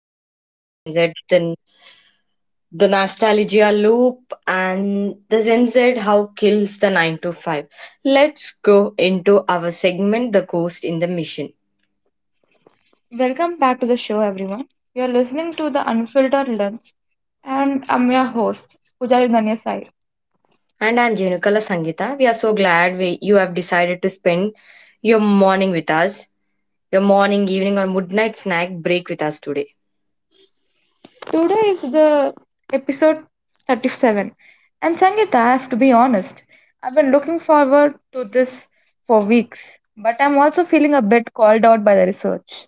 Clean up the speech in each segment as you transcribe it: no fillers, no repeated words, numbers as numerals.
new episode. Gen Z, the nostalgia loop, and the Gen Z how kills the nine to five. Let's go into our segment, the ghost in the mission. Welcome back to the show, everyone. You're listening to the Unfiltered Lens, and I'm your host, Pujari Danya Sai. And I'm Jenukala Sangita. We are so glad you have decided to spend your morning with us, your morning, evening, or midnight snack break with us today. Today is the episode 37. And Sangeeta, I have to be honest, I've been looking forward to this for weeks, but I'm also feeling a bit called out by the research.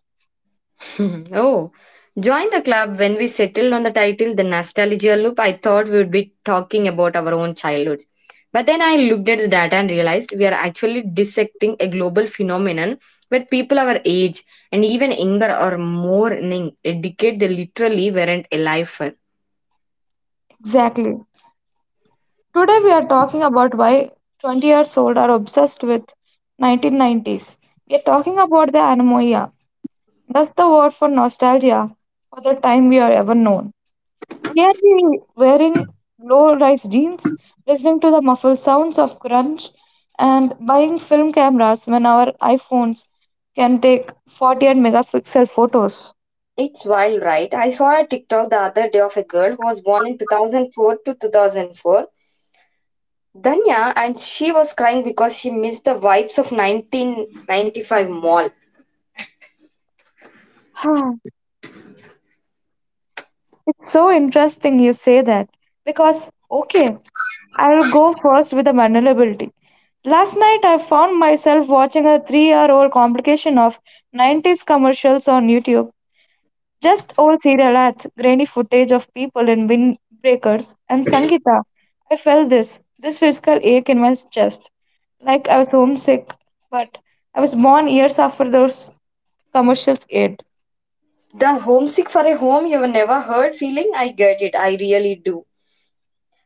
Oh, join the club. When we settled on the title, The Nostalgia Loop, I thought we would be talking about our own childhoods. But then I looked at the data and realized we are actually dissecting a global phenomenon where people our age and even younger are mourning a decade they literally weren't alive for. Exactly. Today we are talking about why 20 years old are obsessed with 1990s. We are talking about the anomia, that's the word for nostalgia for the time we are ever known. We are the wearing low rise jeans, listening to the muffled sounds of crunch, and buying film cameras when our iPhones can take 48 megapixel photos? It's wild, right? I saw a TikTok the other day of a girl who was born in 2004 to 2004, Danya, and she was crying because she missed the vibes of 1995 mall. Huh. It's so interesting you say that because, okay, I'll go first with the vulnerability. Last night, I found myself watching a 3 year old complication of 90s commercials on YouTube. Just old serial ads, grainy footage of people in windbreakers, and sangita. I felt this physical ache in my chest, like I was homesick, but I was born years after those commercials aired. The homesick for a home you've never heard feeling, I get it, I really do.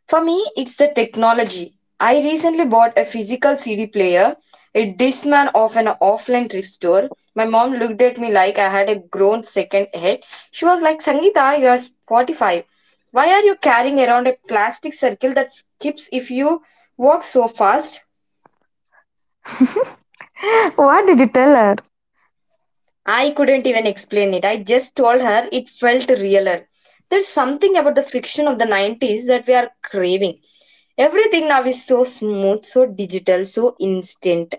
For me, it's the technology. I recently bought a physical CD player, a Discman of an offline thrift store. My mom looked at me like I had a grown second head. She was like, Sangita, you are Spotify. Why are you carrying around a plastic circle that skips if you walk so fast? What did you tell her? I couldn't even explain it. I just told her it felt realer. There's something about the friction of the 90s that we are craving. Everything now is so smooth, so digital, so instant.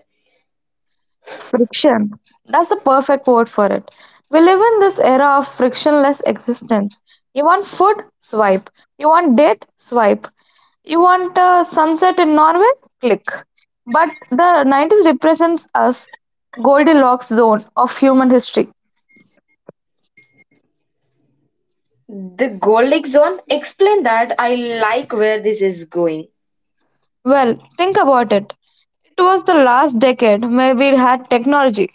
Friction. That's the perfect word for it. We live in this era of frictionless existence. You want food? Swipe. You want date? Swipe. You want a sunset in Norway? Click. But the 90s represents us Goldilocks zone of human history. The Goldic Zone, explain that. I like where this is going. Well, think about it. It was the last decade. Maybe it had technology,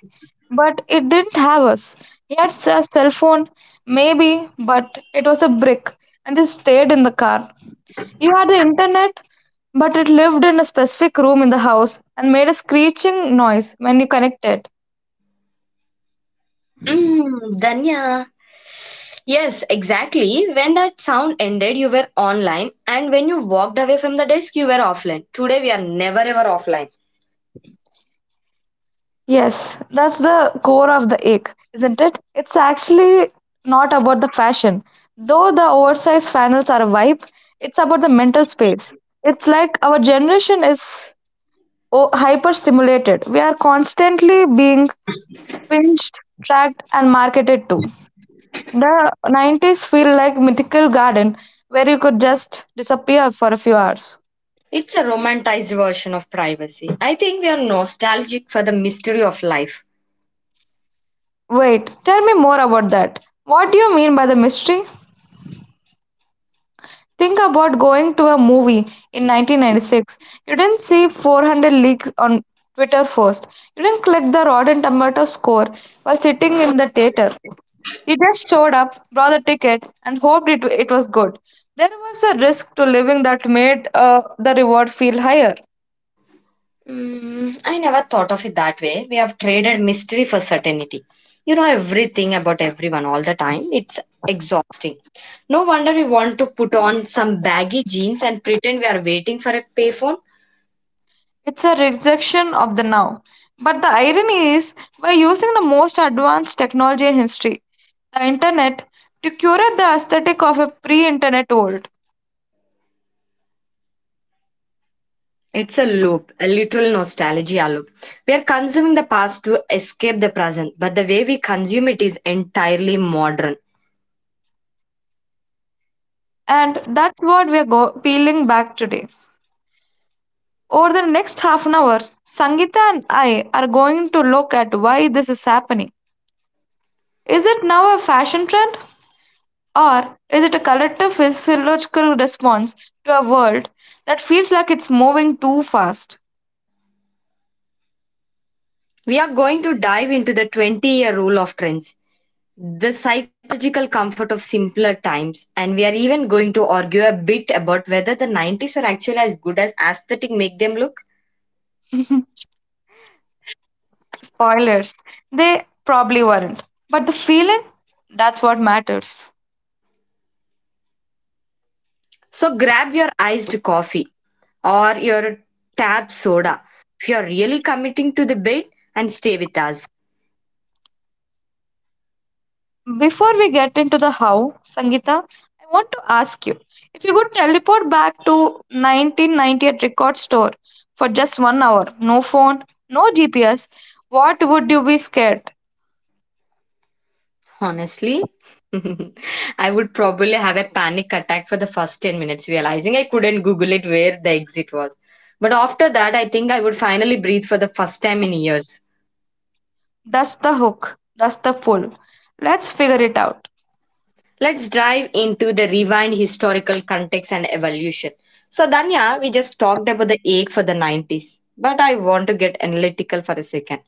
but it didn't have us. He had a cell phone, maybe, but it was a brick and it stayed in the car. You had the internet, but it lived in a specific room in the house and made a screeching noise when you connected. Mm, Danya. Yes, exactly. When that sound ended, you were online, and when you walked away from the desk, you were offline. Today, we are never ever offline. Yes, that's the core of the ick, isn't it? It's actually not about the fashion. Though the oversized flannels are a vibe, it's about the mental space. It's like our generation is hyper stimulated. We are constantly being pinched, tracked, and marketed to. The 90s feel like mythical garden where you could just disappear for a few hours. It's a romanticized version of privacy. I think we are nostalgic for the mystery of life. Wait, tell me more about that. What do you mean by the mystery? Think about going to a movie in 1996. You didn't see 400 leaks on Twitter first. You didn't click the Rotten Tomato score while sitting in the theater. You just showed up, bought the ticket, and hoped it was good. There was a risk to living that made the reward feel higher. Mm, I never thought of it that way. We have traded mystery for certainty. You know everything about everyone all the time. It's exhausting. No wonder we want to put on some baggy jeans and pretend we are waiting for a payphone. It's a rejection of the now. But the irony is, we're using the most advanced technology in history, the internet, to curate the aesthetic of a pre internet world. It's a loop, a literal nostalgia loop. We are consuming the past to escape the present, but the way we consume it is entirely modern. And that's what peeling back today. Over the next half an hour, Sangita and I are going to look at why this is happening. Is it now a fashion trend? Or is it a collective physiological response to a world that feels like it's moving too fast? We are going to dive into the 20-year rule of trends, the psychological comfort of simpler times, and we are even going to argue a bit about whether the 90s were actually as good as aesthetic make them look. Spoilers, they probably weren't. But the feeling, that's what matters. So grab your iced coffee or your tab soda if you're really committing to the bit and stay with us. Before we get into the how, Sangeeta, I want to ask you if you could teleport back to 1998 record store for just 1 hour, no phone, no GPS, what would you be scared? Honestly, I would probably have a panic attack for the first 10 minutes, realizing I couldn't Google it where the exit was. But after that, I think I would finally breathe for the first time in years. That's the hook, that's the pull. Let's figure it out. Let's dive into the rewind historical context and evolution. So, Danya, we just talked about the ache for the 90s, but I want to get analytical for a second.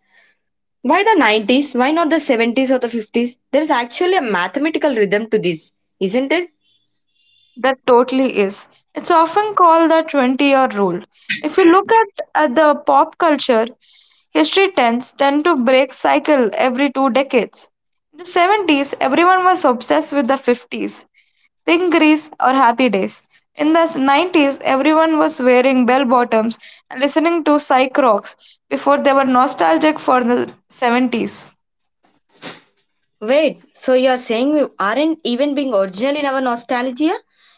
Why the 90s? Why not the 70s or the 50s? There is actually a mathematical rhythm to this, isn't it? That totally is. It's often called the 20-year rule. If you look at the pop culture, history tends tend to break cycle every two decades. In the 70s, everyone was obsessed with the 50s. Think Grease or Happy Days. In the 90s, everyone was wearing bell bottoms and listening to psych rocks before they were nostalgic for the 70s, Wait, so you're saying we aren't even being original in our nostalgia?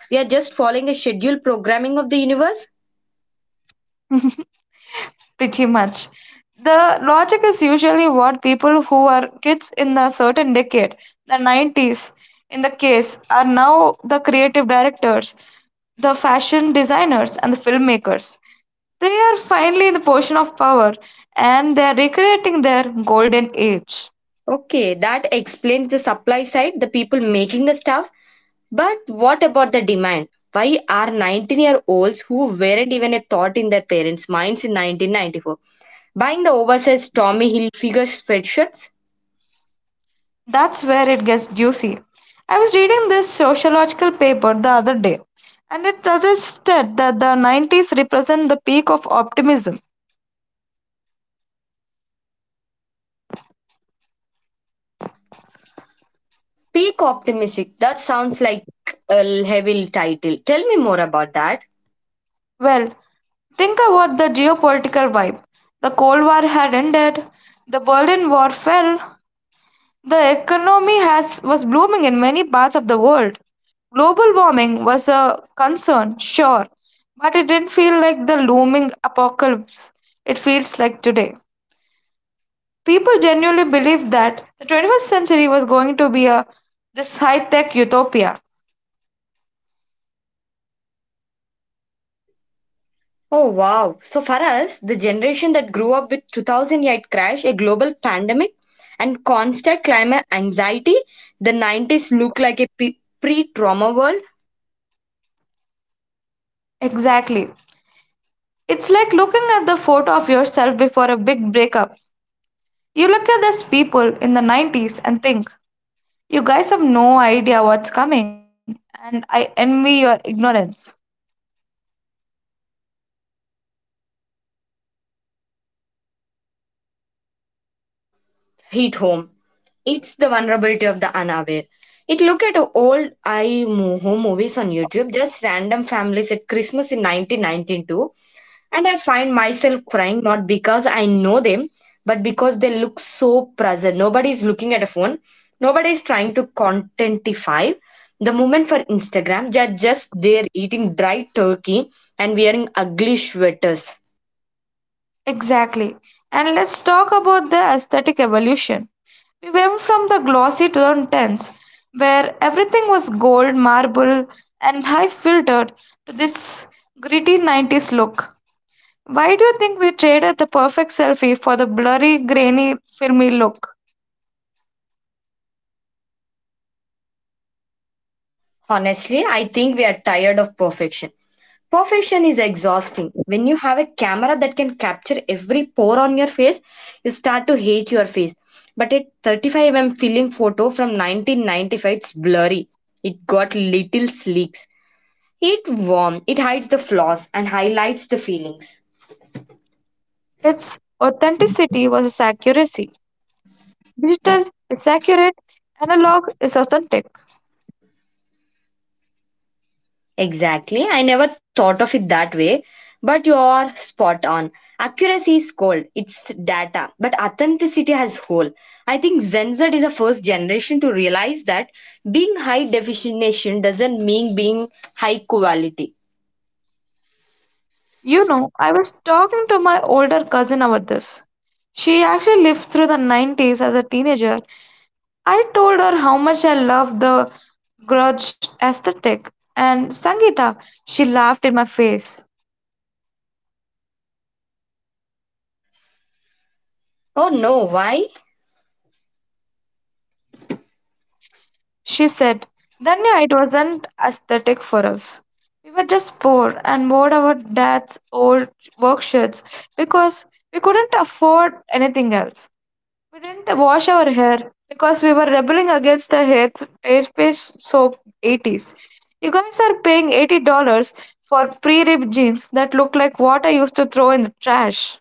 We are just following a scheduled programming of the universe? pretty much. The logic is usually what people who were kids in a certain decade, the 90s in the case, are now the creative directors, the fashion designers, and the filmmakers. They are finally in the position of power and they are recreating their golden age. Okay, that explains the supply side, the people making the stuff. But what about the demand? Why are 19-year-olds who weren't even a thought in their parents' minds in 1994 buying the oversized Tommy Hilfiger sweatshirts? That's where it gets juicy. I was reading this sociological paper the other day, and it suggested that the 90s represent the peak of optimism. Peak optimistic, that sounds like a heavy title. Tell me more about that. Well, think about the geopolitical vibe. The Cold War had ended, the Berlin Wall fell, the economy was blooming in many parts of the world. Global warming was a concern, sure, but it didn't feel like the looming apocalypse it feels like today. People genuinely believed that the 21st century was going to be a this high-tech utopia. Oh wow. So for us, the generation that grew up with 2008 crash, a global pandemic, and constant climate anxiety, the 90s look like a pre trauma world Exactly. It's like looking at the photo of yourself before a big breakup. You look at these people in the 90s and think, you guys have no idea what's coming, and I envy your ignorance. that hit home. It's the vulnerability of the unaware. It look at old home movies on YouTube, just random families at Christmas in 1992. And I find myself crying not because I know them, but because they look so present. Nobody is looking at a phone, nobody is trying to contentify the moment for Instagram. They're just there eating dry turkey and wearing ugly sweaters. Exactly. And let's talk about the aesthetic evolution. We went from the glossy to the intense, where everything was gold, marble, and high filtered, to this gritty 90s look. Why do you think we traded the perfect selfie for the blurry, grainy, filmy look? Honestly, I think we are tired of perfection. Perfection is exhausting. When you have a camera that can capture every pore on your face, you start to hate your face. But at 35 mm film photo from 1995, it's blurry. It got little sleeks. It warm, it hides the flaws and highlights the feelings. Its authenticity was its accuracy. Digital is accurate, analog is authentic. Exactly. I never thought of it that way, but you're spot on. Accuracy is cold, it's data, but authenticity has whole. I think Gen Z is the first generation to realize that being high definition doesn't mean being high quality. You know, I was talking to my older cousin about this. She actually lived through the 90s as a teenager. I told her how much I loved the grudge aesthetic. And Sangeeta, she laughed in my face. Oh no, why? She said, Danya, it wasn't aesthetic for us. We were just poor and wore our dad's old work shirts because we couldn't afford anything else. We didn't wash our hair because we were rebelling against the hair airspace soaked 80s. You guys are paying $80 for pre ripped jeans that look like what I used to throw in the trash.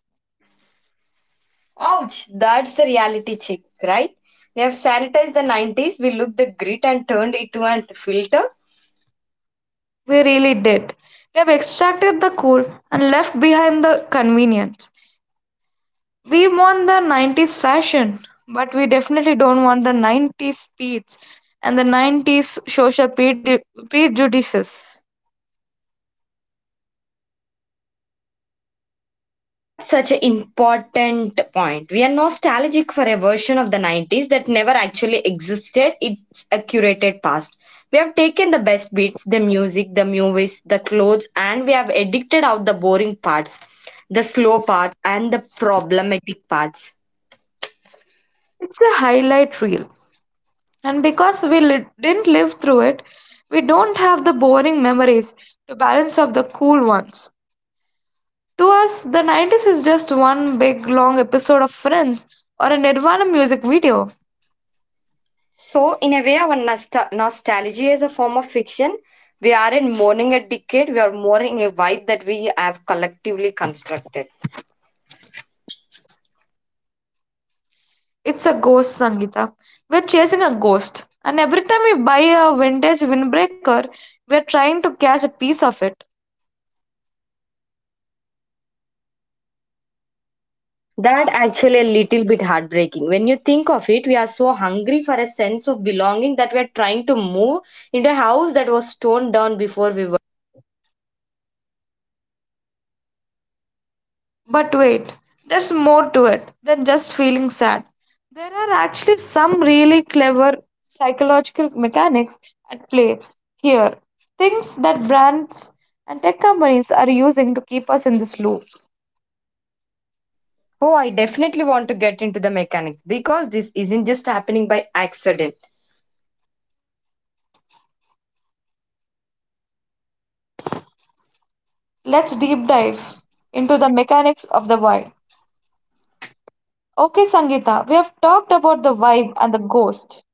Ouch, that's the reality check, right? We have sanitized the 90s, we looked the grit and turned it to a filter. We really did. We have extracted the cool and left behind the convenience. We want the 90s fashion, but we definitely don't want the 90s speeds and the 90s social prejudices. That's such an important point. We are nostalgic for a version of the 90s that never actually existed. It's a curated past. We have taken the best beats, the music, the movies, the clothes, and we have edited out the boring parts, the slow parts, and the problematic parts. It's a highlight reel. And because didn't live through it, we don't have the boring memories to balance up the cool ones. To us, the 90s is just one big long episode of Friends or a Nirvana music video. So, in a way, our nostalgia is a form of fiction. We aren't mourning a decade, we are mourning a vibe that we have collectively constructed. It's a ghost, Sangita. We're chasing a ghost. And every time we buy a vintage windbreaker, we're trying to catch a piece of it. That actually a little bit heartbreaking. When you think of it, we are so hungry for a sense of belonging that we are trying to move into a house that was torn down before we were. But wait, there's more to it than just feeling sad. There are actually some really clever psychological mechanics at play here. Things that brands and tech companies are using to keep us in this loop. Oh, I definitely want to get into the mechanics because this isn't just happening by accident. Let's deep Yes. dive into the mechanics of the why. Okay, Sangeeta, we have talked about the vibe and the ghost.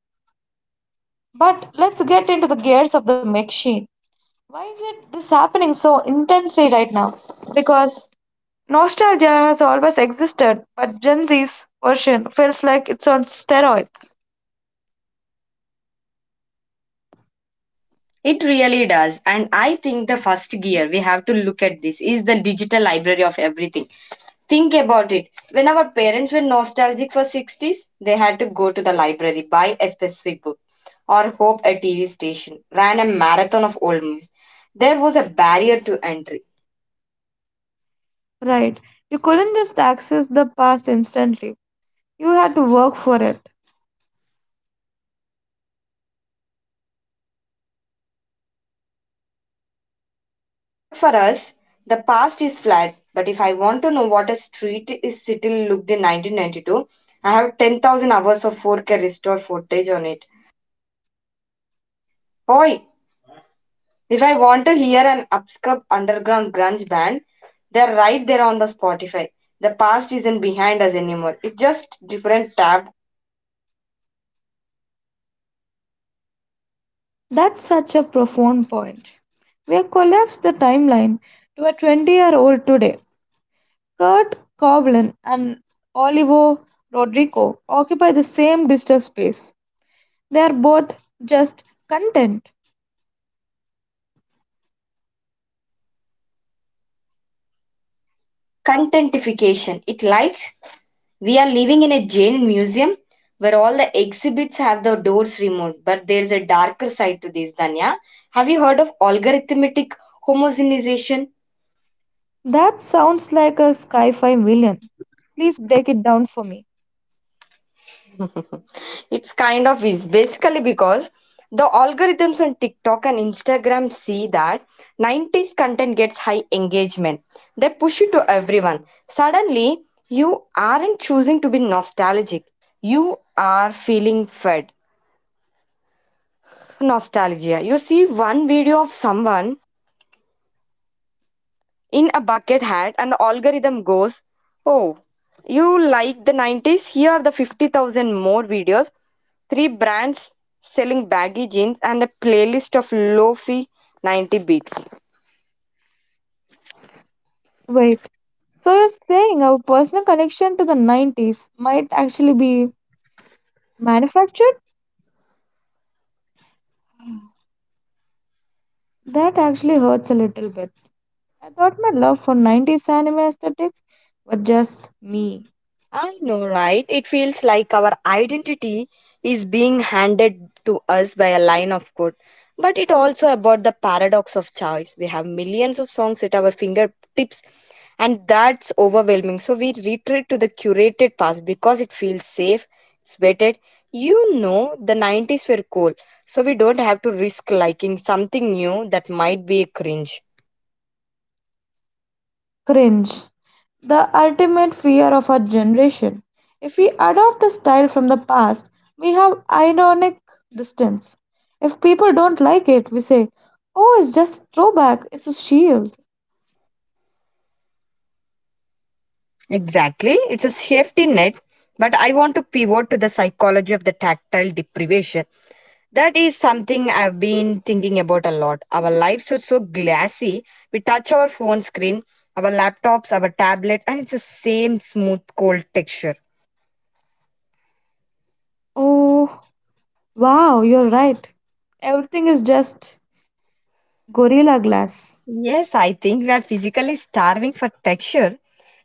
But let's get into the gears of the machine. Why is it this happening so intensely right now? Because nostalgia has always existed, but Gen Z's version feels like it's on steroids. It really does. And I think the first gear we have to look at this is the digital library of everything. Think about it. When our parents were nostalgic for 60s, they had to go to the library, buy a specific book, or hope a TV station, ran a marathon of old movies. There was a barrier to entry. Right. You couldn't just access the past instantly. You had to work for it. But for us, the past is flat. But if I want to know what a street is still looked in 1992, I have 10,000 hours of 4K restored footage on it. Oi, if I want to hear an upscup underground grunge band, they're right there on the Spotify. The past isn't behind us anymore. It's just different tab. That's such a profound point. We have collapsed the timeline to a 20-year-old today. Kurt Coblin and Olivo Rodrigo occupy the same digital space. They are both just content. Contentification. It likes we are living in a Jain museum where all the exhibits have the doors removed. But there's a darker side to this, Danya. Have you heard of algorithmic homogenization? That sounds like a sci-fi villain. Please break it down for me. It's kind of is basically because the algorithms on TikTok and Instagram see that 90s content gets high engagement. They push it to everyone. Suddenly, you aren't choosing to be nostalgic. You are feeling fed. Nostalgia. You see one video of someone in a bucket hat and the algorithm goes, oh, you like the 90s? Here are the 50,000 more videos, three brands selling baggy jeans, and a playlist of low-fi 90 beats. Wait. So you're saying our personal connection to the 90s might actually be manufactured? That actually hurts a little bit. I thought my love for 90s anime aesthetic was just me. I know, right? It feels like our identity is being handed to us by a line of code. But it also about the paradox of choice. We have millions of songs at our fingertips, and that's overwhelming. So we retreat to the curated past because it feels safe, it's vetted. You know, the 90s were cool, so we don't have to risk liking something new that might be a cringe. Cringe. The ultimate fear of our generation. If we adopt a style from the past, we have ironic distance. If people don't like it, we say, oh, it's just a throwback, it's a shield. Exactly. It's a safety net, but I want to pivot to the psychology of the tactile deprivation. That is something I've been thinking about a lot. Our lives are so glassy. We touch our phone screen, our laptops, our tablet, and it's the same smooth, cold texture. Oh, wow, you're right. Everything is just gorilla glass. Yes, I think we are physically starving for texture.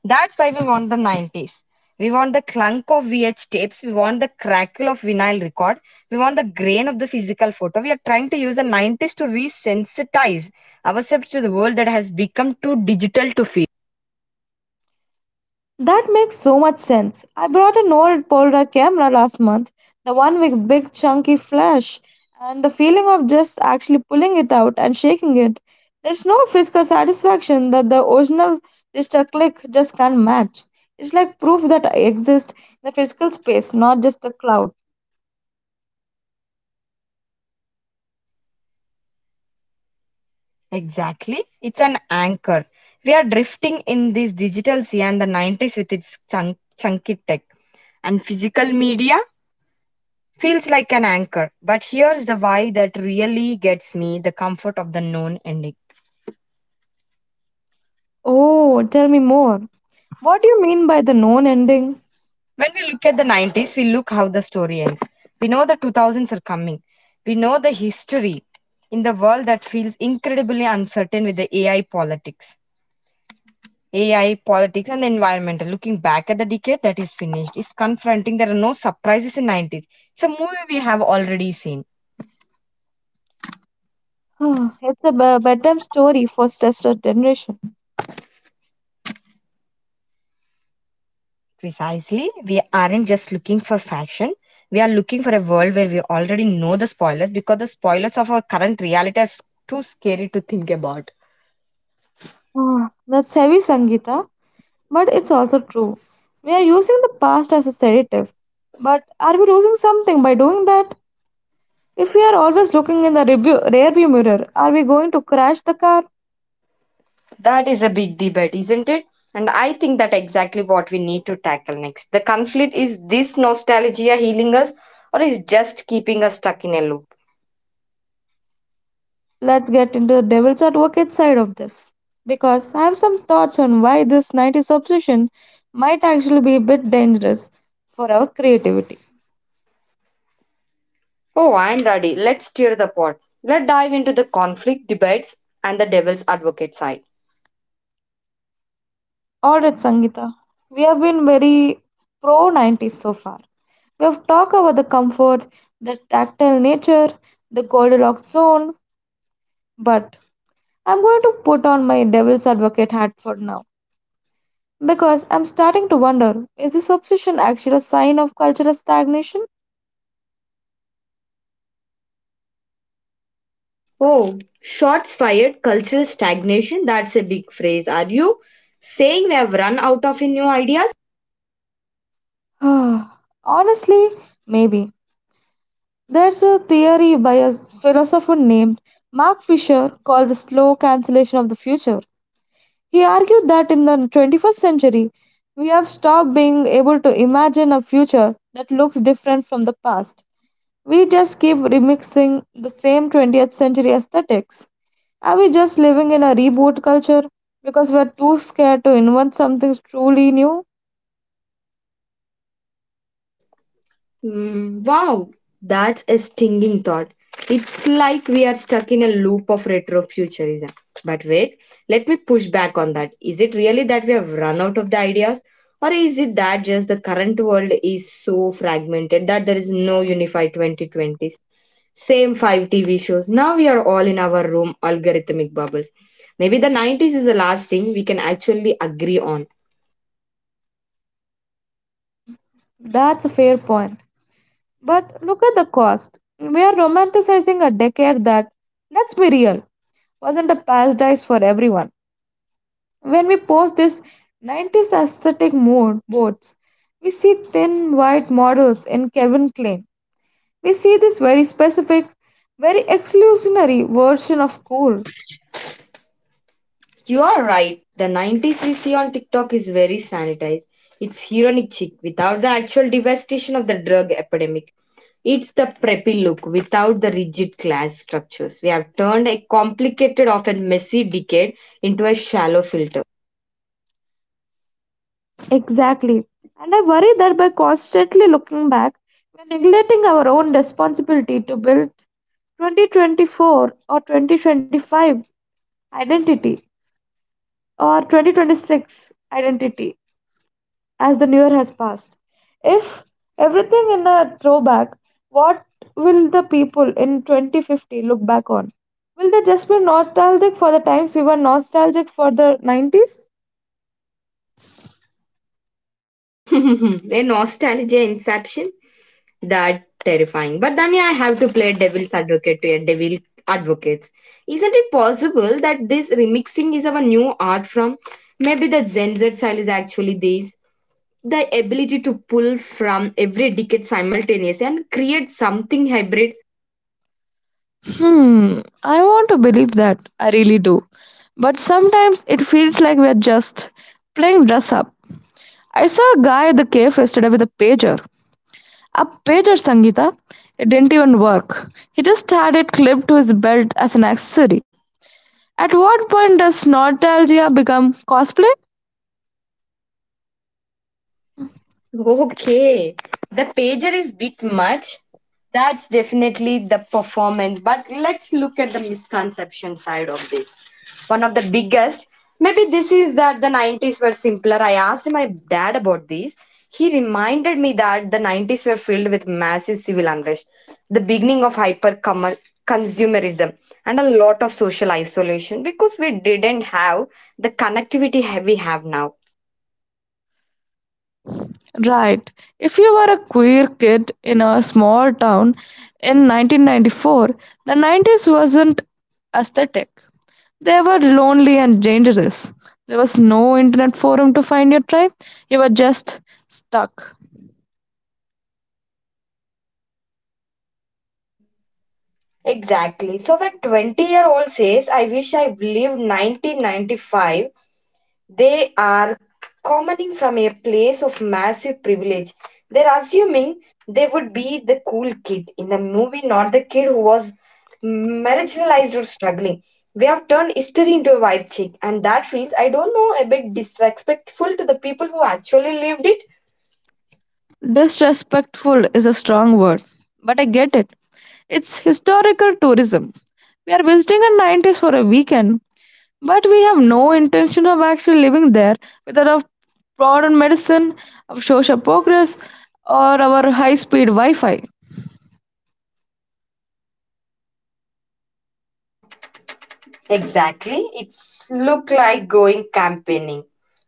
That's why we want the 90s. We want the clunk of VH tapes, we want the crackle of vinyl record, we want the grain of the physical photo. We are trying to use the 90s to resensitize ourselves to the world that has become too digital to feel. That makes so much sense. I brought an old Polaroid camera last month, the one with big chunky flash, and the feeling of just actually pulling it out and shaking it. There's no physical satisfaction that the original digital click just can't match. It's like proof that I exist in the physical space, not just the cloud. Exactly, it's an anchor. We are drifting in this digital sea and the 90s with its chunky tech and physical media feels like an anchor. But here's the why that really gets me the comfort of the known ending. Oh, tell me more. What do you mean by the known ending? When we look at the 90s, we look how the story ends. We know the 2000s are coming. We know the history in the world that feels incredibly uncertain with the AI politics. AI politics and the environmental. Looking back at the decade that is finished is confronting. There are no surprises in 90s. It's a movie we have already seen. Bedtime story for stressed out generation. Precisely. We aren't just looking for fashion. We are looking for a world where we already know the spoilers because the spoilers of our current reality are too scary to think about. Ah, that's heavy, Sangeeta, but it's also true. We are using the past as a sedative. But are we losing something by doing that? If we are always looking in rearview mirror, are we going to crash the car? That is a big debate, isn't it? And I think that exactly what we need to tackle next. The conflict is this nostalgia healing us or is just keeping us stuck in a loop? Let's get into the devil's advocate side of this. Because I have some thoughts on why this 90s obsession might actually be a bit dangerous for our creativity. Oh, I'm ready. Let's stir the pot. Let's dive into the conflict debates and the devil's advocate side. Alright, Sangeeta, we have been very pro 90s so far. We have talked about the comfort, the tactile nature, the Goldilocks zone, but I'm going to put on my devil's advocate hat for now because I'm starting to wonder, is this obsession actually a sign of cultural stagnation? Oh, shots fired, cultural stagnation. That's a big phrase. Are you saying we have run out of new ideas? Honestly, maybe. There's a theory by a philosopher named Mark Fisher called the slow cancellation of the future. He argued that in the 21st century, we have stopped being able to imagine a future that looks different from the past. We just keep remixing the same 20th century aesthetics. Are we just living in a reboot culture because we're too scared to invent something truly new? Mm, wow, that's a stinging thought. It's like we are stuck in a loop of retrofuturism. But wait, let me push back on that. Is it really that we have run out of the ideas? Or is it that just the current world is so fragmented that there is no unified 2020s? Same five TV shows. Now we are all in our room, algorithmic bubbles. Maybe the 90s is the last thing we can actually agree on. That's a fair point. But look at the cost. We are romanticizing a decade that, let's be real, wasn't a paradise for everyone. When we post this 90s aesthetic mood boards, we see thin white models in Calvin Klein. We see this very specific, very exclusionary version of cool. You are right. The 90s we see on TikTok is very sanitized. It's heroic chic without the actual devastation of the drug epidemic. It's the preppy look without the rigid class structures. We have turned a complicated, often messy decade into a shallow filter. Exactly. And I worry that by constantly looking back, we're neglecting our own responsibility to build 2024 or 2025 identity or 2026 identity as the new year has passed. If everything in a throwback, what will the people in 2050 look back on? Will they just be nostalgic for the times we were nostalgic for the 90s? A nostalgia inception? That terrifying. But then yeah, I have to play devil's advocate to a devil advocates. Isn't it possible that this remixing is our new art from maybe the Gen Z style is actually this? The ability to pull from every decade simultaneously and create something hybrid. Hmm, I want to believe that. I really do. But sometimes it feels like we're just playing dress up. I saw a guy at the cave yesterday with a pager. A pager, Sangita. It didn't even work. He just had it clipped to his belt as an accessory. At what point does nostalgia become cosplay? Okay, the pager is bit much. That's definitely the performance. But let's look at the misconception side of this. One of the biggest, maybe this is that the 90s were simpler. I asked my dad about this. He reminded me that the 90s were filled with massive civil unrest, the beginning of hyper consumerism, and a lot of social isolation because we didn't have the connectivity we have now. Right. If you were a queer kid in a small town in 1994, the 90s wasn't aesthetic. They were lonely and dangerous. There was no internet forum to find your tribe. You were just stuck. Exactly. So when 20-year-old says, I wish I lived 1995, they are commenting from a place of massive privilege. They're assuming they would be the cool kid in the movie, not the kid who was marginalized or struggling. We have turned history into a vibe check, and that feels, I don't know, a bit disrespectful to the people who actually lived it. Disrespectful is a strong word, but I get it. It's historical tourism. We are visiting a 90s for a weekend, but we have no intention of actually living there without our modern medicine, our social progress, or our high speed Wi Fi. Exactly. It's look like going campaigning.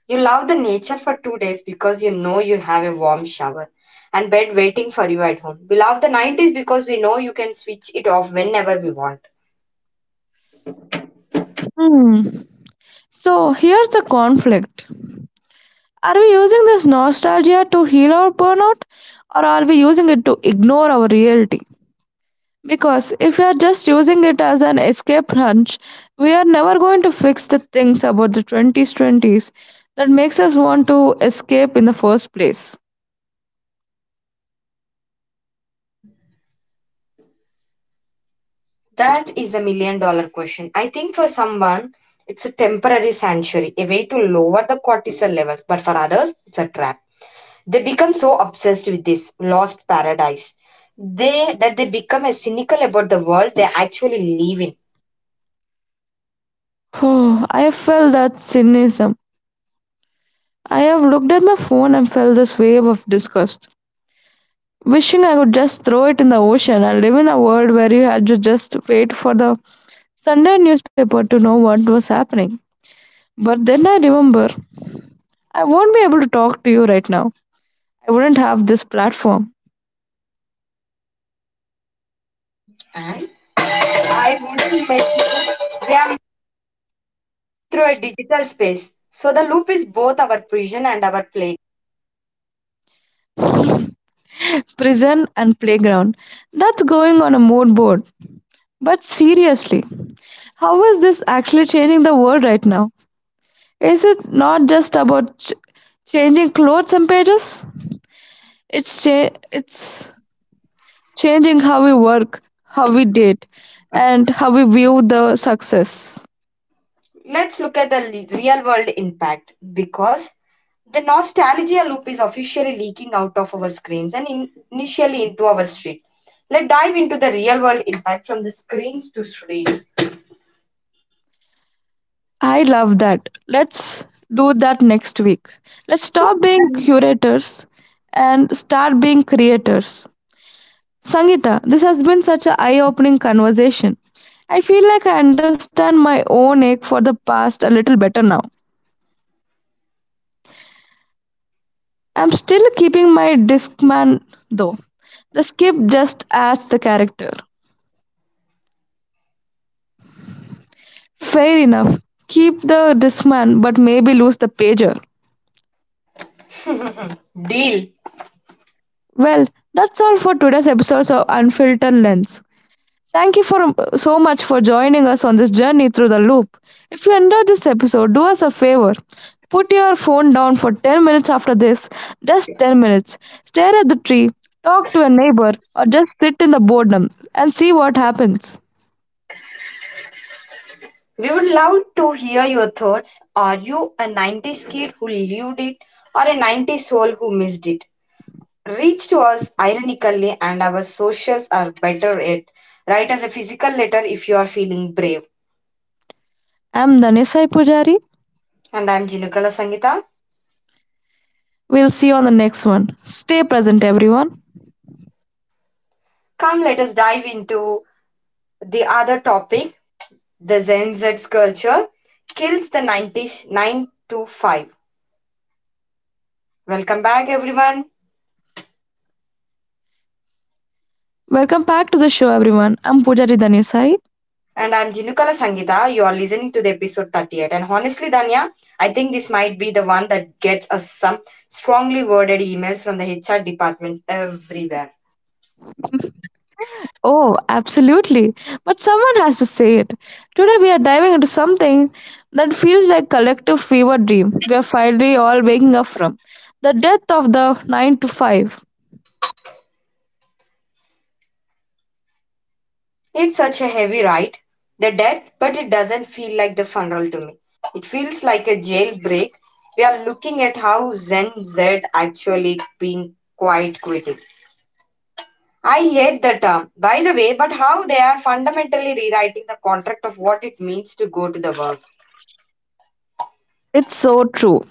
You love the nature for 2 days because you know you have a warm shower and bed waiting for you at home. We love the 90s because we know you can switch it off whenever we want. Hmm. So here's the conflict. Are we using this nostalgia to heal our burnout, or are we using it to ignore our reality? Because if we are just using it as an escape hunch, we are never going to fix the things about the 20s that makes us want to escape in the first place. That is a $1 million question. I think for someone, it's a temporary sanctuary, a way to lower the cortisol levels, but for others, it's a trap. They become so obsessed with this lost paradise they that they become as cynical about the world they actually live in. I have felt that cynicism. I have looked at my phone and felt this wave of disgust, wishing I could just throw it in the ocean and live in a world where you had to just wait for the Sunday newspaper to know what was happening. But then I remember, I won't be able to talk to you right now. I wouldn't have this platform, And I wouldn't bet through. We are met through a digital space. So the loop is both our prison and our play. prison, and playground. That's going on a mood board. But seriously, how is this actually changing the world right now? Is it not just about changing clothes and pages? It's changing how we work, how we date, and how we view the success. Let's look at the real world impact because the nostalgia loop is officially leaking out of our screens and initially into our street. Let's dive into the real world impact from the screens to streets. I love that. Let's do that next week. Let's So, stop being curators and start being creators. Sangita, this has been such an eye opening conversation. I feel like I understand my own ache for the past a little better now. I'm still keeping my Discman though. The skip just adds the character. Fair enough. Keep the Discman, but maybe lose the pager. deal. Well, that's all for today's episode of Unfiltered Lens. Thank you for so much for joining us on this journey through the loop. If you enjoyed this episode, do us a favor. Put your phone down for 10 minutes after this, just 10 minutes. Stare at the tree, talk to a neighbor, or just sit in the boredom and see what happens. We would love to hear your thoughts. Are you a 90s kid who lived it or a 90s soul who missed it? Reach to us ironically, and our socials are better at write as a physical letter if you are feeling brave. I'm Danesai Pujari. And I'm Jinukala Sangita. We'll see you on the next one. Stay present, everyone. Come let us dive into the other topic, the Gen Z's culture kills the 90s 9 to 5. Welcome back everyone. Welcome back to the show, everyone. I'm Pujari Danesai. And I'm Jinukala Sangita. You are listening to the episode 38, and honestly Danya, I think this might be the one that gets us some strongly worded emails from the HR departments everywhere. Oh, absolutely. But someone has to say it. Today, we are diving into something that feels like collective fever dream we are finally all waking up from: the death of the 9 to 5. It's such a heavy ride, the death, but it doesn't feel like the funeral to me. It feels like a jailbreak. We are looking at how Zen Z actually being quite quitting. I hate the term, by the way, but how they are fundamentally rewriting the contract of what it means to go to the work. It's so true.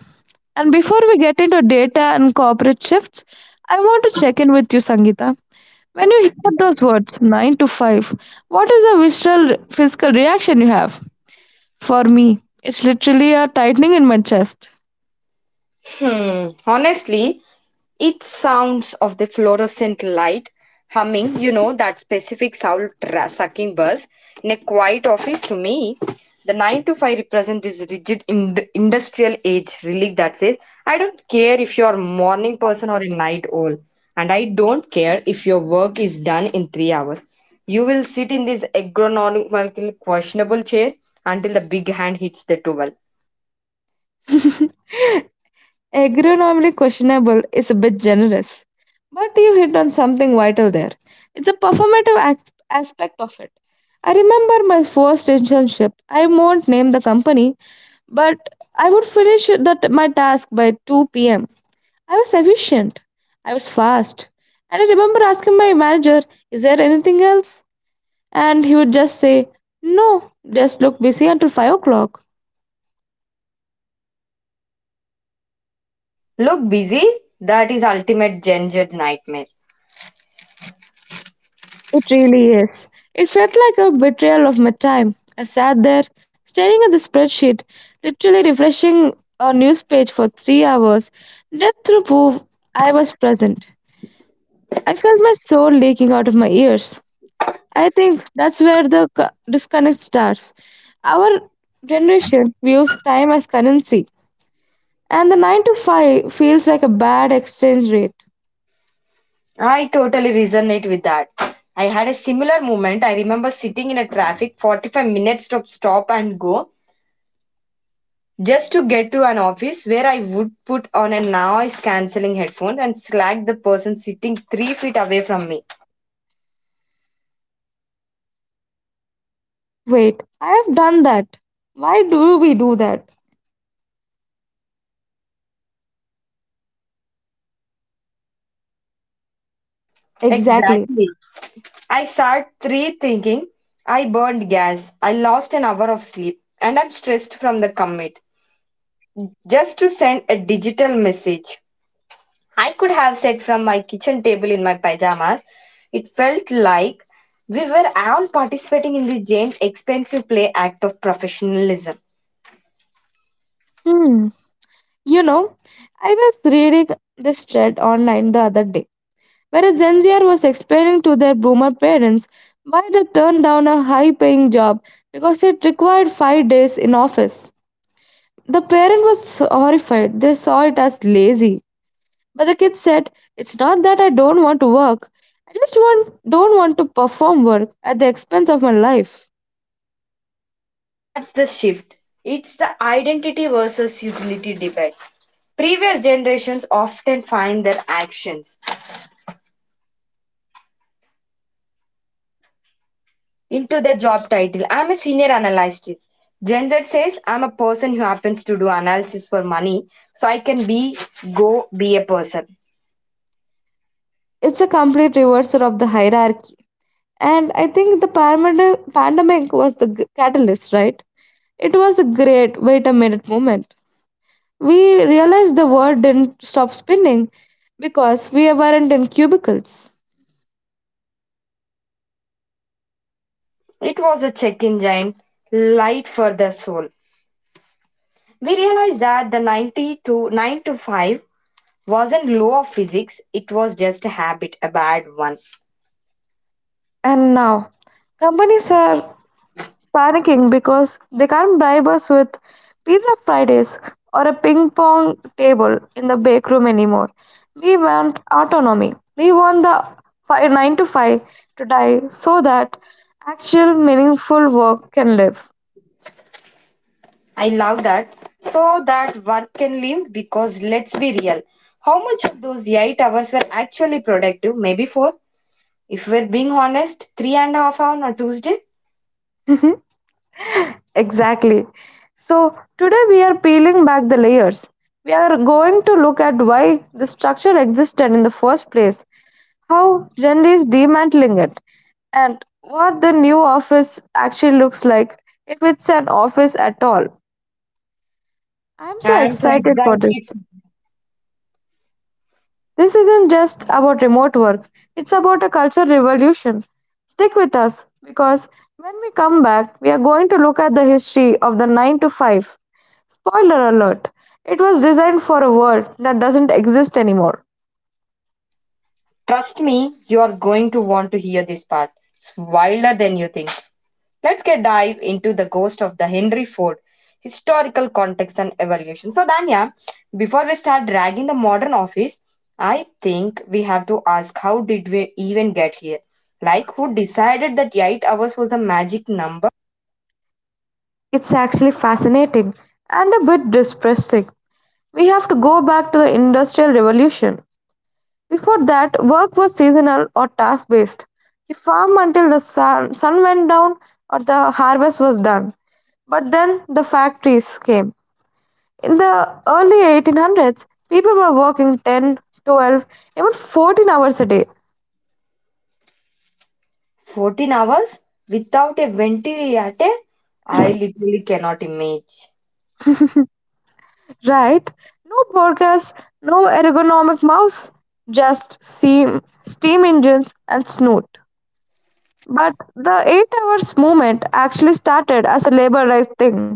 And before we get into data and corporate shifts, I want to check in with you, Sangeeta. When you hear those words, 9 to 5, what is the visceral physical reaction you have? For me, it's literally a tightening in my chest. Hmm. Honestly, it sounds of the fluorescent light humming, that specific soul sucking buzz in a quiet office to me. The 9 to 5 represent this rigid industrial age relic that says, I don't care if you're a morning person or a night owl, and I don't care if your work is done in 3 hours. You will sit in this agronomical questionable chair until the big hand hits the towel. Agronomically questionable is a bit generous, but you hit on something vital there. It's a performative aspect of it. I remember my first internship. I won't name the company, but I would finish that my task by 2 p.m. I was efficient, I was fast, and I remember asking my manager, is there anything else? And he would just say, no, just look busy until 5 o'clock. Look busy, that is ultimate gendered nightmare. It really is. It felt like a betrayal of my time. I sat there, staring at the spreadsheet, literally refreshing a news page for 3 hours, just to prove I was present. I felt my soul leaking out of my ears. I think that's where the disconnect starts. Our generation views time as currency, and the 9 to 5 feels like a bad exchange rate. I totally resonate with that. I had a similar moment. I remember sitting in a traffic 45 minutes to stop and go just to get to an office where I would put on a noise cancelling headphones and slack the person sitting 3 feet away from me. Wait, I have done that. Why do we do that? Exactly. Exactly. I sat 3 thinking I burned gas. I lost an hour of sleep, and I'm stressed from the commute just to send a digital message. I could have sat from my kitchen table in my pajamas. It felt like we were all participating in this James expensive play act of professionalism. Hmm. You know, I was reading this thread online the other day where a Gen Zer was explaining to their boomer parents why they turned down a high paying job because it required 5 days in office. The parent was horrified. They saw it as lazy. But the kid said, it's not that I don't want to work. I don't want to perform work at the expense of my life. That's the shift. It's the identity versus utility debate. Previous generations often find their actions into their job title. I'm a senior analyst. Gen Z says I'm a person who happens to do analysis for money, so I can be go be a person. It's a complete reversal of the hierarchy. And I think the pandemic was the catalyst, right? It was a great wait a minute moment. We realized the world didn't stop spinning because we weren't in cubicles. It was a check engine light for the soul. We realized that the 90 to 9 to 5 wasn't law of physics, it was just a habit, a bad one. And now, companies are panicking because they can't bribe us with pizza Fridays or a ping pong table in the break room anymore. We want autonomy. We want the 9 to 5 to die so that actual meaningful work can live. I love that. So that work can live because let's be real. How much of those 8 hours were actually productive? Maybe 4? If we're being honest, 3.5 hour on a Tuesday? Mhm. Exactly. So, today we are peeling back the layers. We are going to look at why the structure existed in the first place, how Gen D is dismantling it, and what the new office actually looks like, if it's an office at all. I'm so I'm so excited for this. excited. This isn't just about remote work, it's about a culture revolution. Stick with us because when we come back, we are going to look at the history of the 9 to 5. Spoiler alert, it was designed for a world that doesn't exist anymore. Trust me, you are going to want to hear this part. It's wilder than you think. Let's get dive into the ghost of the Henry Ford, historical context and evaluation. So, Danya, before we start dragging the modern office, I think we have to ask how did we even get here? Like, who decided that 8 hours was the magic number? It's actually fascinating and a bit depressing. We have to go back to the Industrial Revolution. Before that, work was seasonal or task-based; he farmed until the sun went down or the harvest was done. But then the factories came. In the early 1800s, people were working 10, 12, even 14 hours a day, 14 hours without a ventilator? I literally cannot imagine. right? No burgers, no ergonomic mouse, just steam engines and snoot. But the 8 hours movement actually started as a labor rights thing.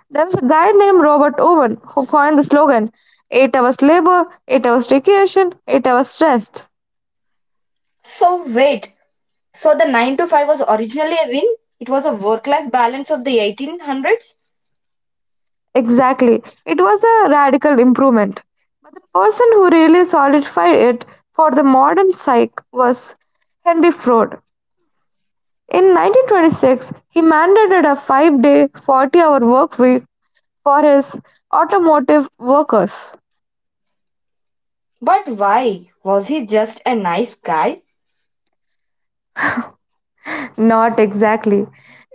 There was a guy named Robert Owen who coined the slogan 8 hours labor, 8 hours recreation, 8 hours rest. So, wait, so the 9 to 5 was originally a win? It was a work life balance of the 1800s? Exactly. It was a radical improvement. But the person who really solidified it for the modern psyche was Henry Ford. In 1926, he mandated a 5 day, 40-hour work week for his automotive workers. But why? Was he just a nice guy? Not exactly.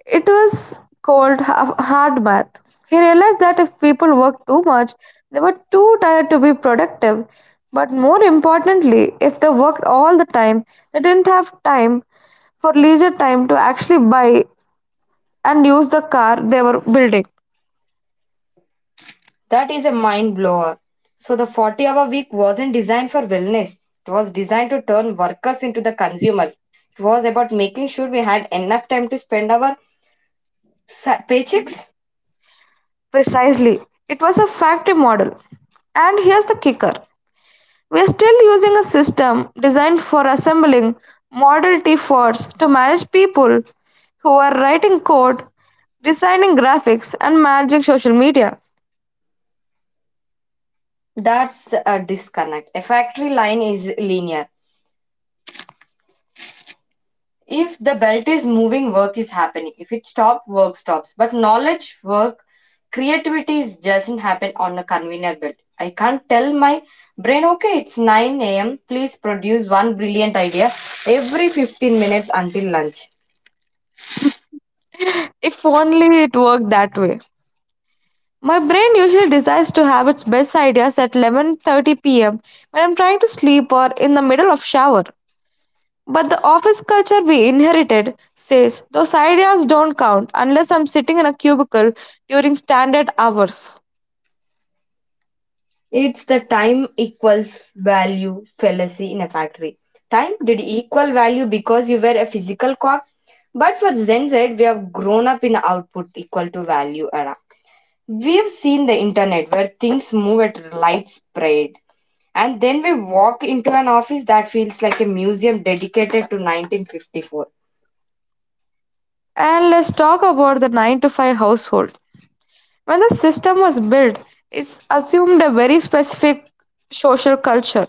It was called hard math. He realized that if people worked too much, they were too tired to be productive. But more importantly, if they worked all the time, they didn't have time for leisure time to actually buy and use the car they were building. That is a mind blower. So the 40-hour week wasn't designed for wellness. It was designed to turn workers into the consumers. It was about making sure we had enough time to spend our paychecks. Precisely. It was a factory model. And here's the kicker: we're still using a system designed for assembling Model T Fords to manage people who are writing code, designing graphics, and managing social media. That's a disconnect. A factory line is linear. If the belt is moving, work is happening. If it stops, work stops. But knowledge work, creativity is doesn't happen on a conveyor belt. I can't tell my brain, okay, it's 9 a.m., please produce one brilliant idea every 15 minutes until lunch. If only it worked that way. My brain usually decides to have its best ideas at 11:30 p.m. when I'm trying to sleep or in the middle of shower. But the office culture we inherited says those ideas don't count unless I'm sitting in a cubicle during standard hours. It's the time equals value fallacy. In a factory, time did equal value because you were a physical clock. But for Zen Z, we have grown up in output equal to value era. We've seen the internet where things move at light speed, and then we walk into an office that feels like a museum dedicated to 1954. And let's talk about the 9 to 5 household. When the system was built, it assumed a very specific social culture.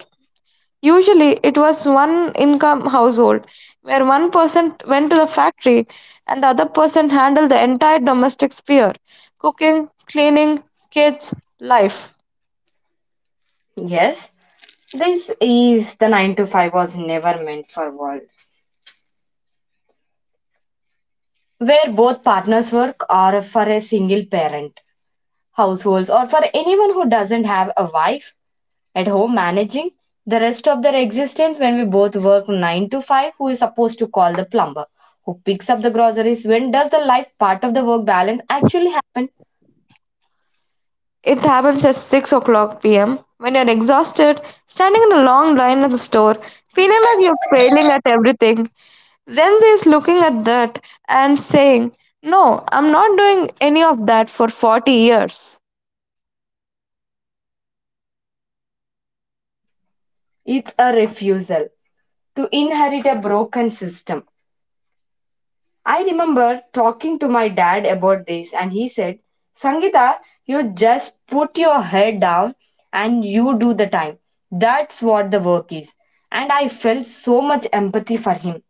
Usually, it was one income household where one person went to the factory and the other person handled the entire domestic sphere cooking, cleaning, kids, life. Yes, this is the 9 to 5 was never meant for world where both partners work, or for a single parent households, or for anyone who doesn't have a wife at home managing the rest of their existence. When we both work 9 to 5, who is supposed to call the plumber, who picks up the groceries, when does the life part of the work balance actually happen? It happens at 6 o'clock pm when you're exhausted, standing in a long line at the store, feeling like you're failing at everything. Zenzi is looking at that and saying, no, I'm not doing any of that for 40 years. It's a refusal to inherit a broken system. I remember talking to my dad about this and he said, Sangita, you just put your head down and you do the time, that's what the work is. And I felt so much empathy for him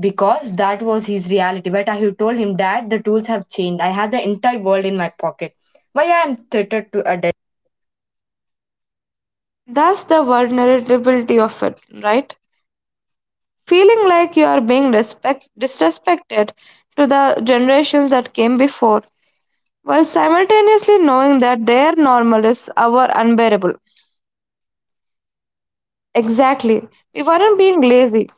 because that was his reality. But I told him, Dad, the tools have changed. I have the entire world in my pocket. Why I am tethered to a desk? That's the vulnerability of it, right? Feeling like you are being disrespected to the generations that came before, while simultaneously knowing that their normal is our unbearable. Exactly. We weren't being lazy.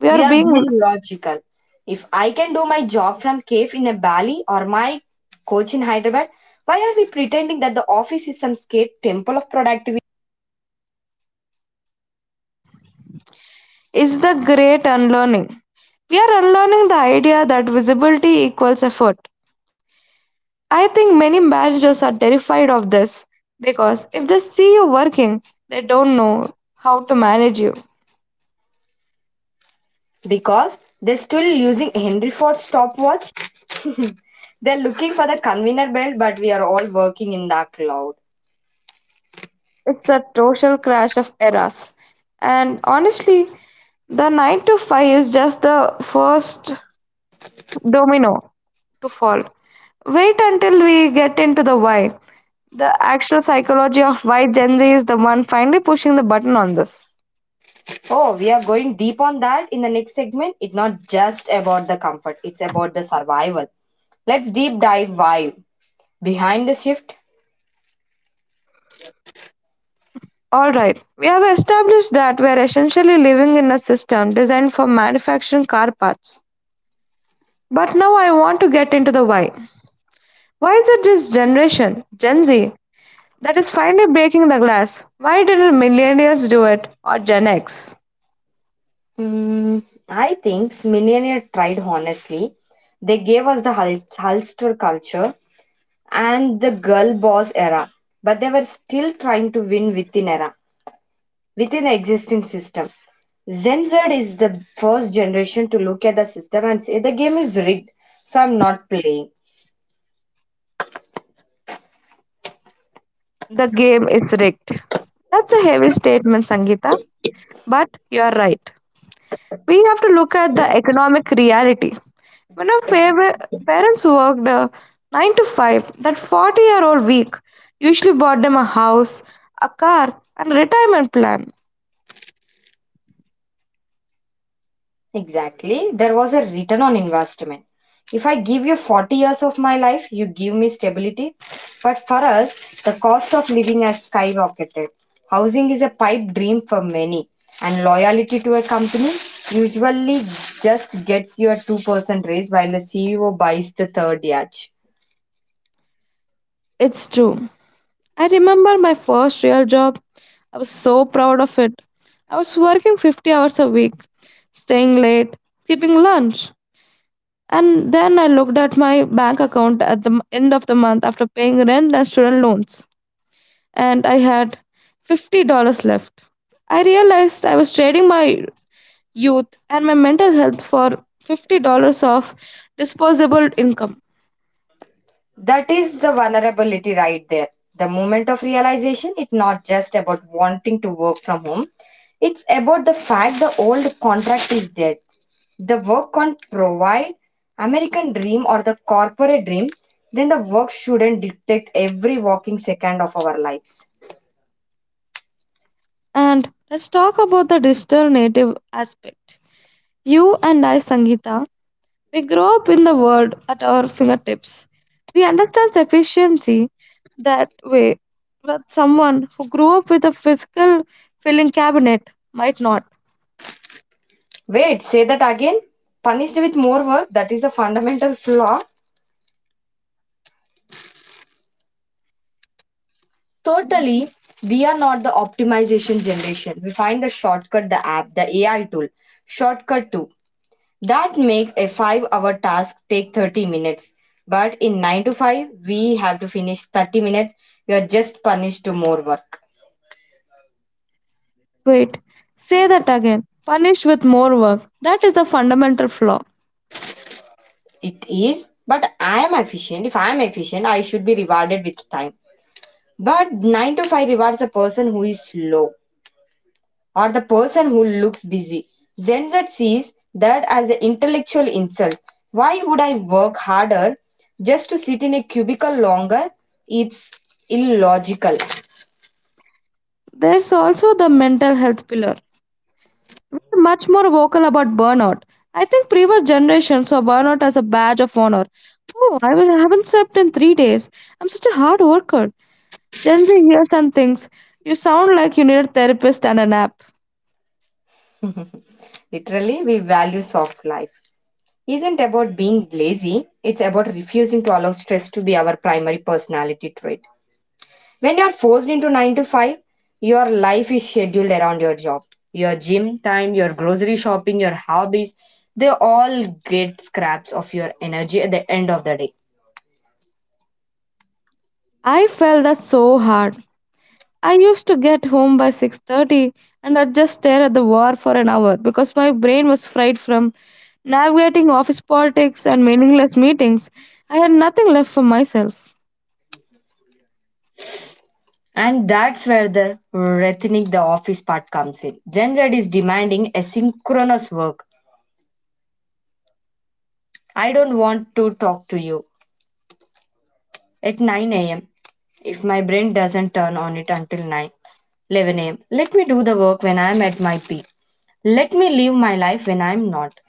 We We are are being being logical. If I can do my job from cave in a valley or my coach in Hyderabad, why are we pretending that the office is some skate temple of productivity? is the great unlearning. We are unlearning the idea that visibility equals effort. I think many managers are terrified of this because if they see you working, they don't know how to manage you. Because they're still using Henry Ford stopwatch. They're looking for the conveyor belt, but we are all working in the cloud. It's a total crash of eras. And honestly, the 9 to 5 is just the first domino to fall. Wait until we get into the why. The actual psychology of why Gen Z is the one finally pushing the button on this. Oh, we are going deep on that in the next segment. It's not just about the comfort, it's about the survival. Let's deep dive why. Behind the shift, Alright, we have established that we are essentially living in a system designed for manufacturing car parts. But now I want to get into the why. Why is it this generation, Gen Z, that is finally breaking the glass? Why didn't millennials do it or Gen X? mm, I think Millionaire tried honestly. They gave us the Hulster culture and the girl boss era, but they were still trying to win within era, within the existing system. Gen Z is the first generation to look at the system and say the game is rigged, so I'm not playing. The game is rigged. That's a heavy statement, Sangeeta, but you're right. We have to look at the economic reality. When our parents worked a 9 to 5, that 40-year-old week usually bought them a house, a car, and retirement plan. Exactly. There was a return on investment. If I give you 40 years of my life, you give me stability. But for us, the cost of living has skyrocketed. Housing is a pipe dream for many, and loyalty to a company usually just gets you a 2% raise while the CEO buys the third yacht. It's true. I remember my first real job. I was so proud of it. I was working 50 hours a week, staying late, skipping lunch. And then I looked at my bank account at the end of the month after paying rent and student loans, and I had $50 left. I realized I was trading my youth and my mental health for $50 of disposable income. That is the vulnerability right there. The moment of realization, it's not just about wanting to work from home, it's about the fact the old contract is dead. The work can't provide American dream or the corporate dream, then the work shouldn't dictate every walking second of our lives. And let's talk about the digital native aspect. You and I, Sangeeta, we grow up in the world at our fingertips. We understand sufficiency that way, but someone who grew up with a physical filling cabinet might not. Wait, say that again? Punished with more work? That is the fundamental flaw. Totally, we are not the optimization generation. We find the shortcut, the app, the AI tool, shortcut too. That makes a 5 hour task take 30 minutes. But in 9 to 5, we have to finish 30 minutes. We are just punished to more work. Wait, say that again. Punish with more work. That is the fundamental flaw. It is, but I am efficient. If I am efficient, I should be rewarded with time. But 9 to 5 rewards a person who is slow, or the person who looks busy. Gen Z sees that as an intellectual insult. Why would I work harder just to sit in a cubicle longer? It's illogical. There's also the mental health pillar. We're much more vocal about burnout. I think previous generations saw burnout as a badge of honor. Oh, I haven't slept in 3 days. I'm such a hard worker. Then they hear some things. You sound like you need a therapist and a nap. Literally, we value soft life. Isn't about being lazy, it's about refusing to allow stress to be our primary personality trait. When you're forced into 9 to 5, your life is scheduled around your job. Your gym time, your grocery shopping, your hobbies, they all get scraps of your energy at the end of the day. I felt that so hard. I used to get home by 6:30 and I'd just stare at the war for an hour because my brain was fried from navigating office politics and meaningless meetings. I had nothing left for myself. And that's where the rethinic the office part comes in. Gen Z is demanding asynchronous work. I don't want to talk to you at 9 a.m. if my brain doesn't turn on it until 11 a.m. Let me do the work when I'm at my peak. Let me live my life when I'm not.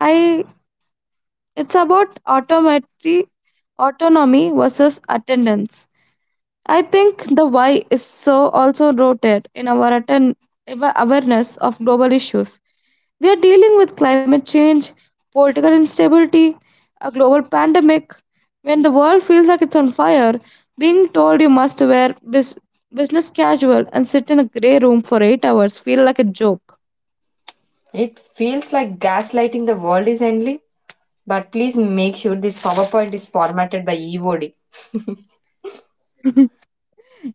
I It's about automatry autonomy versus attendance. I think the why is so also rooted in our awareness of global issues. We are dealing with climate change, political instability, a global pandemic. When the world feels like it's on fire, being told you must wear business casual and sit in a grey room for 8 hours feel like a joke. It feels like gaslighting: the world is ending, but please make sure this PowerPoint is formatted by EOD.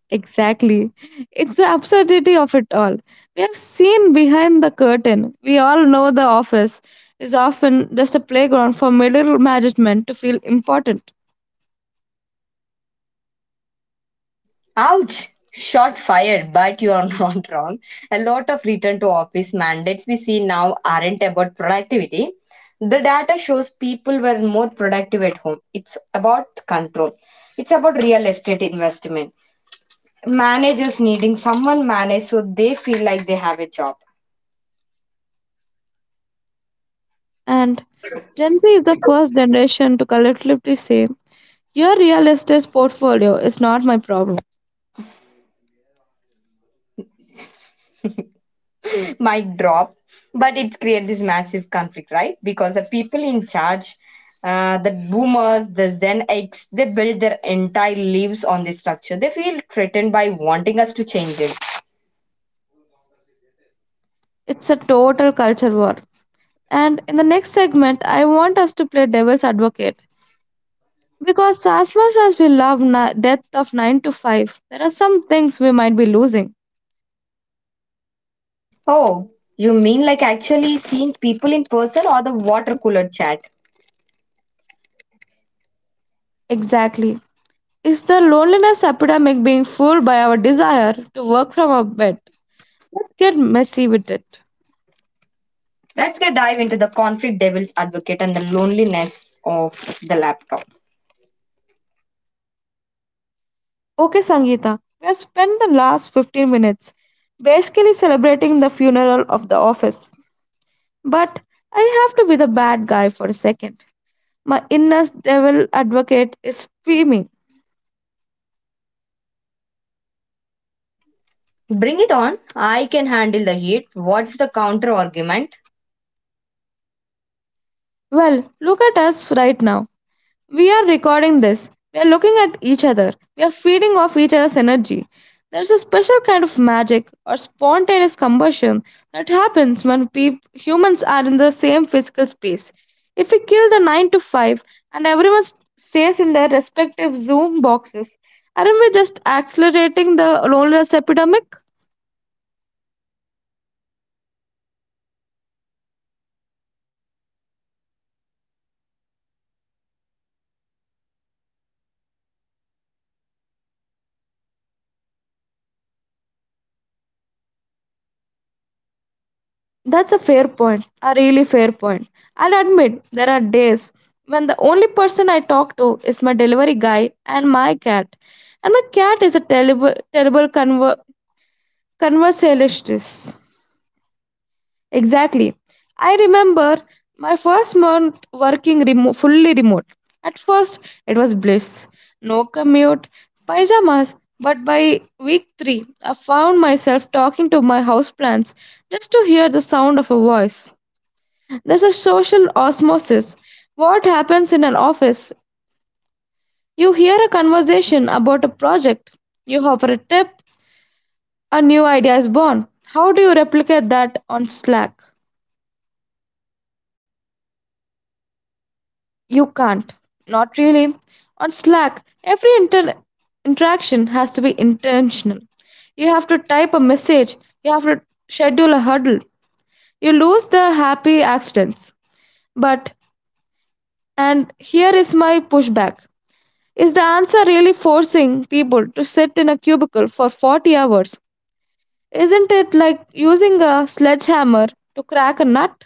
Exactly. It's the absurdity of it all. We have seen behind the curtain. We all know the office is often just a playground for middle management to feel important. Ouch! Shot fired, but you are not wrong. A lot of return to office mandates we see now aren't about productivity. The data shows people were more productive at home. It's about control, it's about real estate investment. Managers needing someone manage so they feel like they have a job. And Gen Z is the first generation to collectively say your real estate portfolio is not my problem. Might drop, but it creates this massive conflict, right? Because the people in charge, the boomers, the Gen X, they build their entire lives on this structure. They feel threatened by wanting us to change it. It's a total culture war. And in the next segment, I want us to play devil's advocate. Because as much as we love death of 9 to 5, there are some things we might be losing. Oh, you mean like actually seeing people in person or the water cooler chat? Exactly. Is the loneliness epidemic being fueled by our desire to work from our bed? Let's get messy with it. Let's get dive into the conflict devil's advocate and the loneliness of the laptop. Okay, Sangeeta, we have spent the last 15 minutes basically celebrating the funeral of the office. But I have to be the bad guy for a second. My inner devil advocate is screaming. Bring it on. I can handle the heat. What's the counter argument? Well, look at us right now. We are recording this. We are looking at each other. We are feeding off each other's energy. There's a special kind of magic or spontaneous combustion that happens when peop humans are in the same physical space. If we kill the 9 to 5 and everyone stays in their respective Zoom boxes, aren't we just accelerating the loneliness epidemic? That's a fair point, a really fair point. I'll admit there are days when the only person I talk to is my delivery guy and my cat. And my cat is a terrible, terrible conversationalist. Exactly. I remember my first month working fully remote. At first, it was bliss. No commute, pajamas. But by week three, I found myself talking to my houseplants just to hear the sound of a voice. There's a social osmosis. What happens in an office? You hear a conversation about a project, you offer a tip, a new idea is born. How do you replicate that on Slack? You can't. Not really. On Slack, every interaction has to be intentional. You have to type a message, you have to schedule a huddle. You lose the happy accidents. But, and here is my pushback, is the answer really forcing people to sit in a cubicle for 40 hours? Isn't it like using a sledgehammer to crack a nut?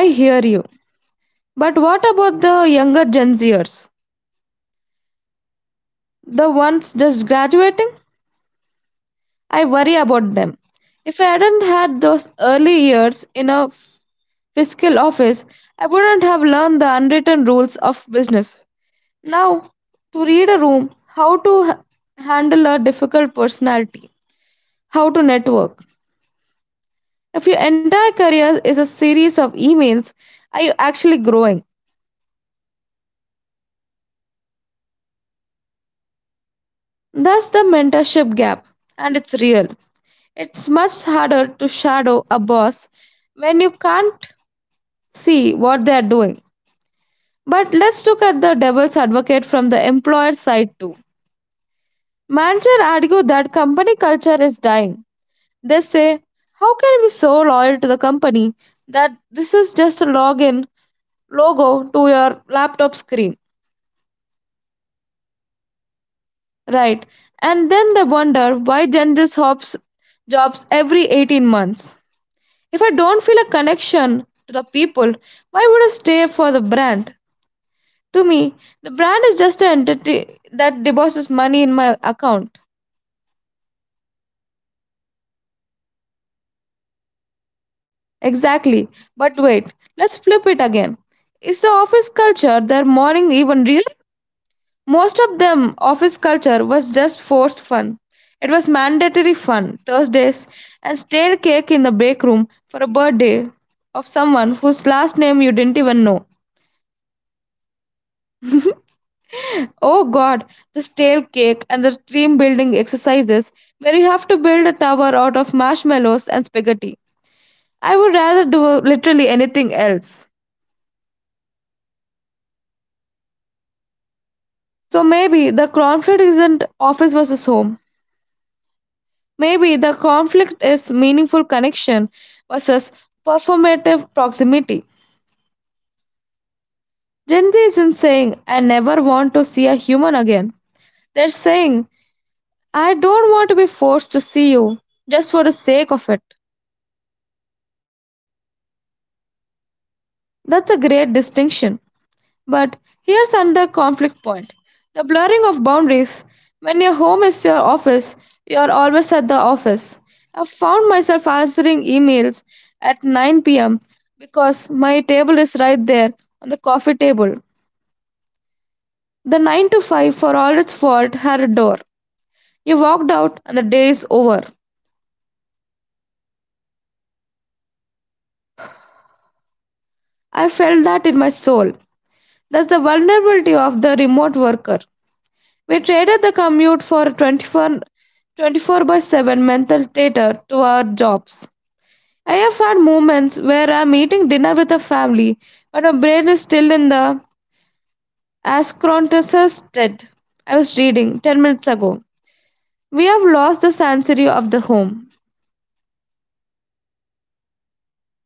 I hear you. But what about the younger Gen Zers? The ones just graduating? I worry about them. If I hadn't had those early years in a fiscal office, I wouldn't have learned the unwritten rules of business. Now, to read a room, how to handle a difficult personality, how to network. If your entire career is a series of emails, are you actually growing? That's the mentorship gap, and it's real. It's much harder to shadow a boss when you can't see what they are doing. But let's look at the devil's advocate from the employer side too. Managers argue that company culture is dying. They say, how can we be so loyal to the company that this is just a login logo to your laptop screen? Right. And then they wonder why dentists hops jobs every 18 months. If I don't feel a connection to the people, why would I stay for the brand? To me, the brand is just an entity that deposits money in my account. Exactly. But wait, let's flip it again. Is the office culture their morning even real? Most of the office culture was just forced fun. It was mandatory fun Thursdays and stale cake in the break room for a birthday of someone whose last name you didn't even know. Oh god, the stale cake and the team building exercises where you have to build a tower out of marshmallows and spaghetti. I would rather do literally anything else. So maybe the conflict isn't office versus home. Maybe the conflict is meaningful connection versus performative proximity. Gen Z isn't saying, I never want to see a human again. They're saying, I don't want to be forced to see you just for the sake of it. That's a great distinction. But here's another conflict point, the blurring of boundaries. When your home is your office, you're always at the office. I found myself answering emails at 9 p.m. because my table is right there on the coffee table. The 9 to 5, for all its fault, had a door. You walked out and the day is over. I felt that in my soul. That's the vulnerability of the remote worker. We traded the commute for a twenty-four by 7 mental theater to our jobs. I have had moments where I'm eating dinner with a family, but my brain is still in the Ascrontus dead. I was reading 10 minutes ago. We have lost the sanctuary of the home.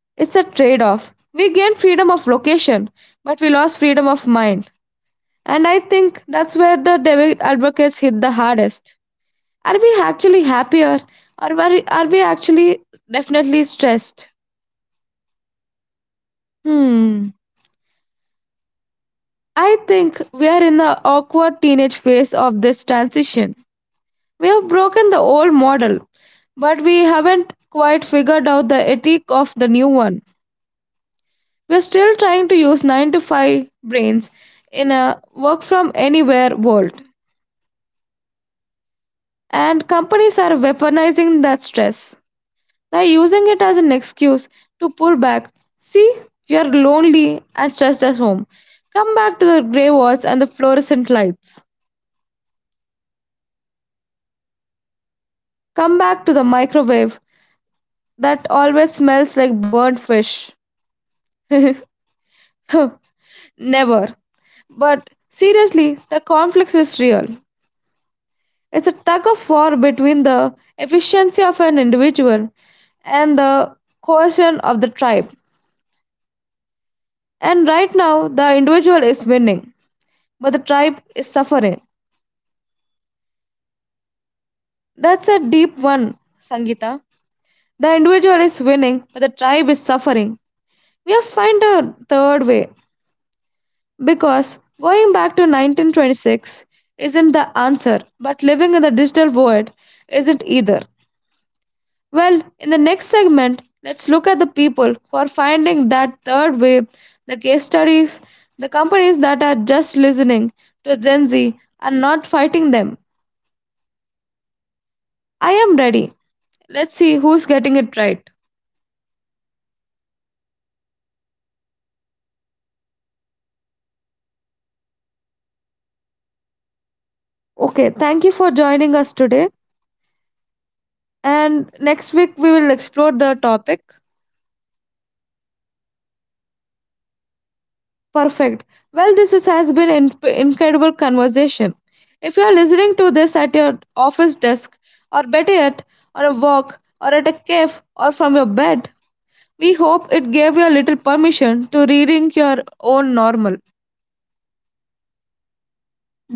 It's a trade off. We gained freedom of location, but we lost freedom of mind. And I think that's where the David advocates hit the hardest. Are we actually happier are we actually definitely stressed? Hmm. I think we are in the awkward teenage phase of this transition. We have broken the old model, but we haven't quite figured out the ethic of the new one. We're still trying to use 9 to 5 brains in a work from anywhere world, and companies are weaponizing that stress. They're using it as an excuse to pull back. See, you're lonely and stressed at home. Come back to the grey walls and the fluorescent lights. Come back to the microwave that always smells like burnt fish. Never. But seriously, the conflict is real. It's a tug of war between the efficiency of an individual and the cohesion of the tribe. And right now, the individual is winning, but the tribe is suffering. That's a deep one, Sangita. The individual is winning, but the tribe is suffering. We have found a third way because going back to 1926 isn't the answer, but living in the digital void isn't either. Well, in the next segment, let's look at the people who are finding that third way, the case studies, the companies that are just listening to Gen Z and not fighting them. I am ready. Let's see who's getting it right. Okay, thank you for joining us today. And next week we will explore the topic. Perfect. Well, has been an incredible conversation. If you are listening to this at your office desk, or better yet, on a walk, or at a cave, or from your bed, we hope it gave you a little permission to rethink your own normal.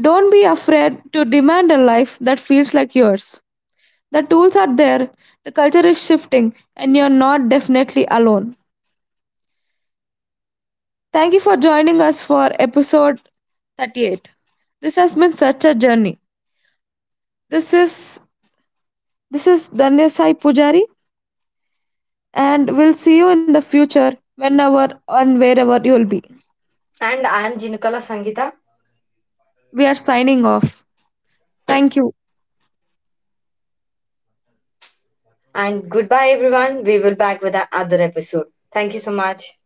Don't be afraid to demand a life that feels like yours. The tools are there, the culture is shifting, and you're not definitely alone. Thank you for joining us for episode 38. This has been such a journey. This is this is Danya Sai Pujari and we'll see you in the future whenever and wherever you'll be. And I am Jinukala Sangita. We are signing off. Thank you. And goodbye, everyone. We will back with another episode. Thank you so much.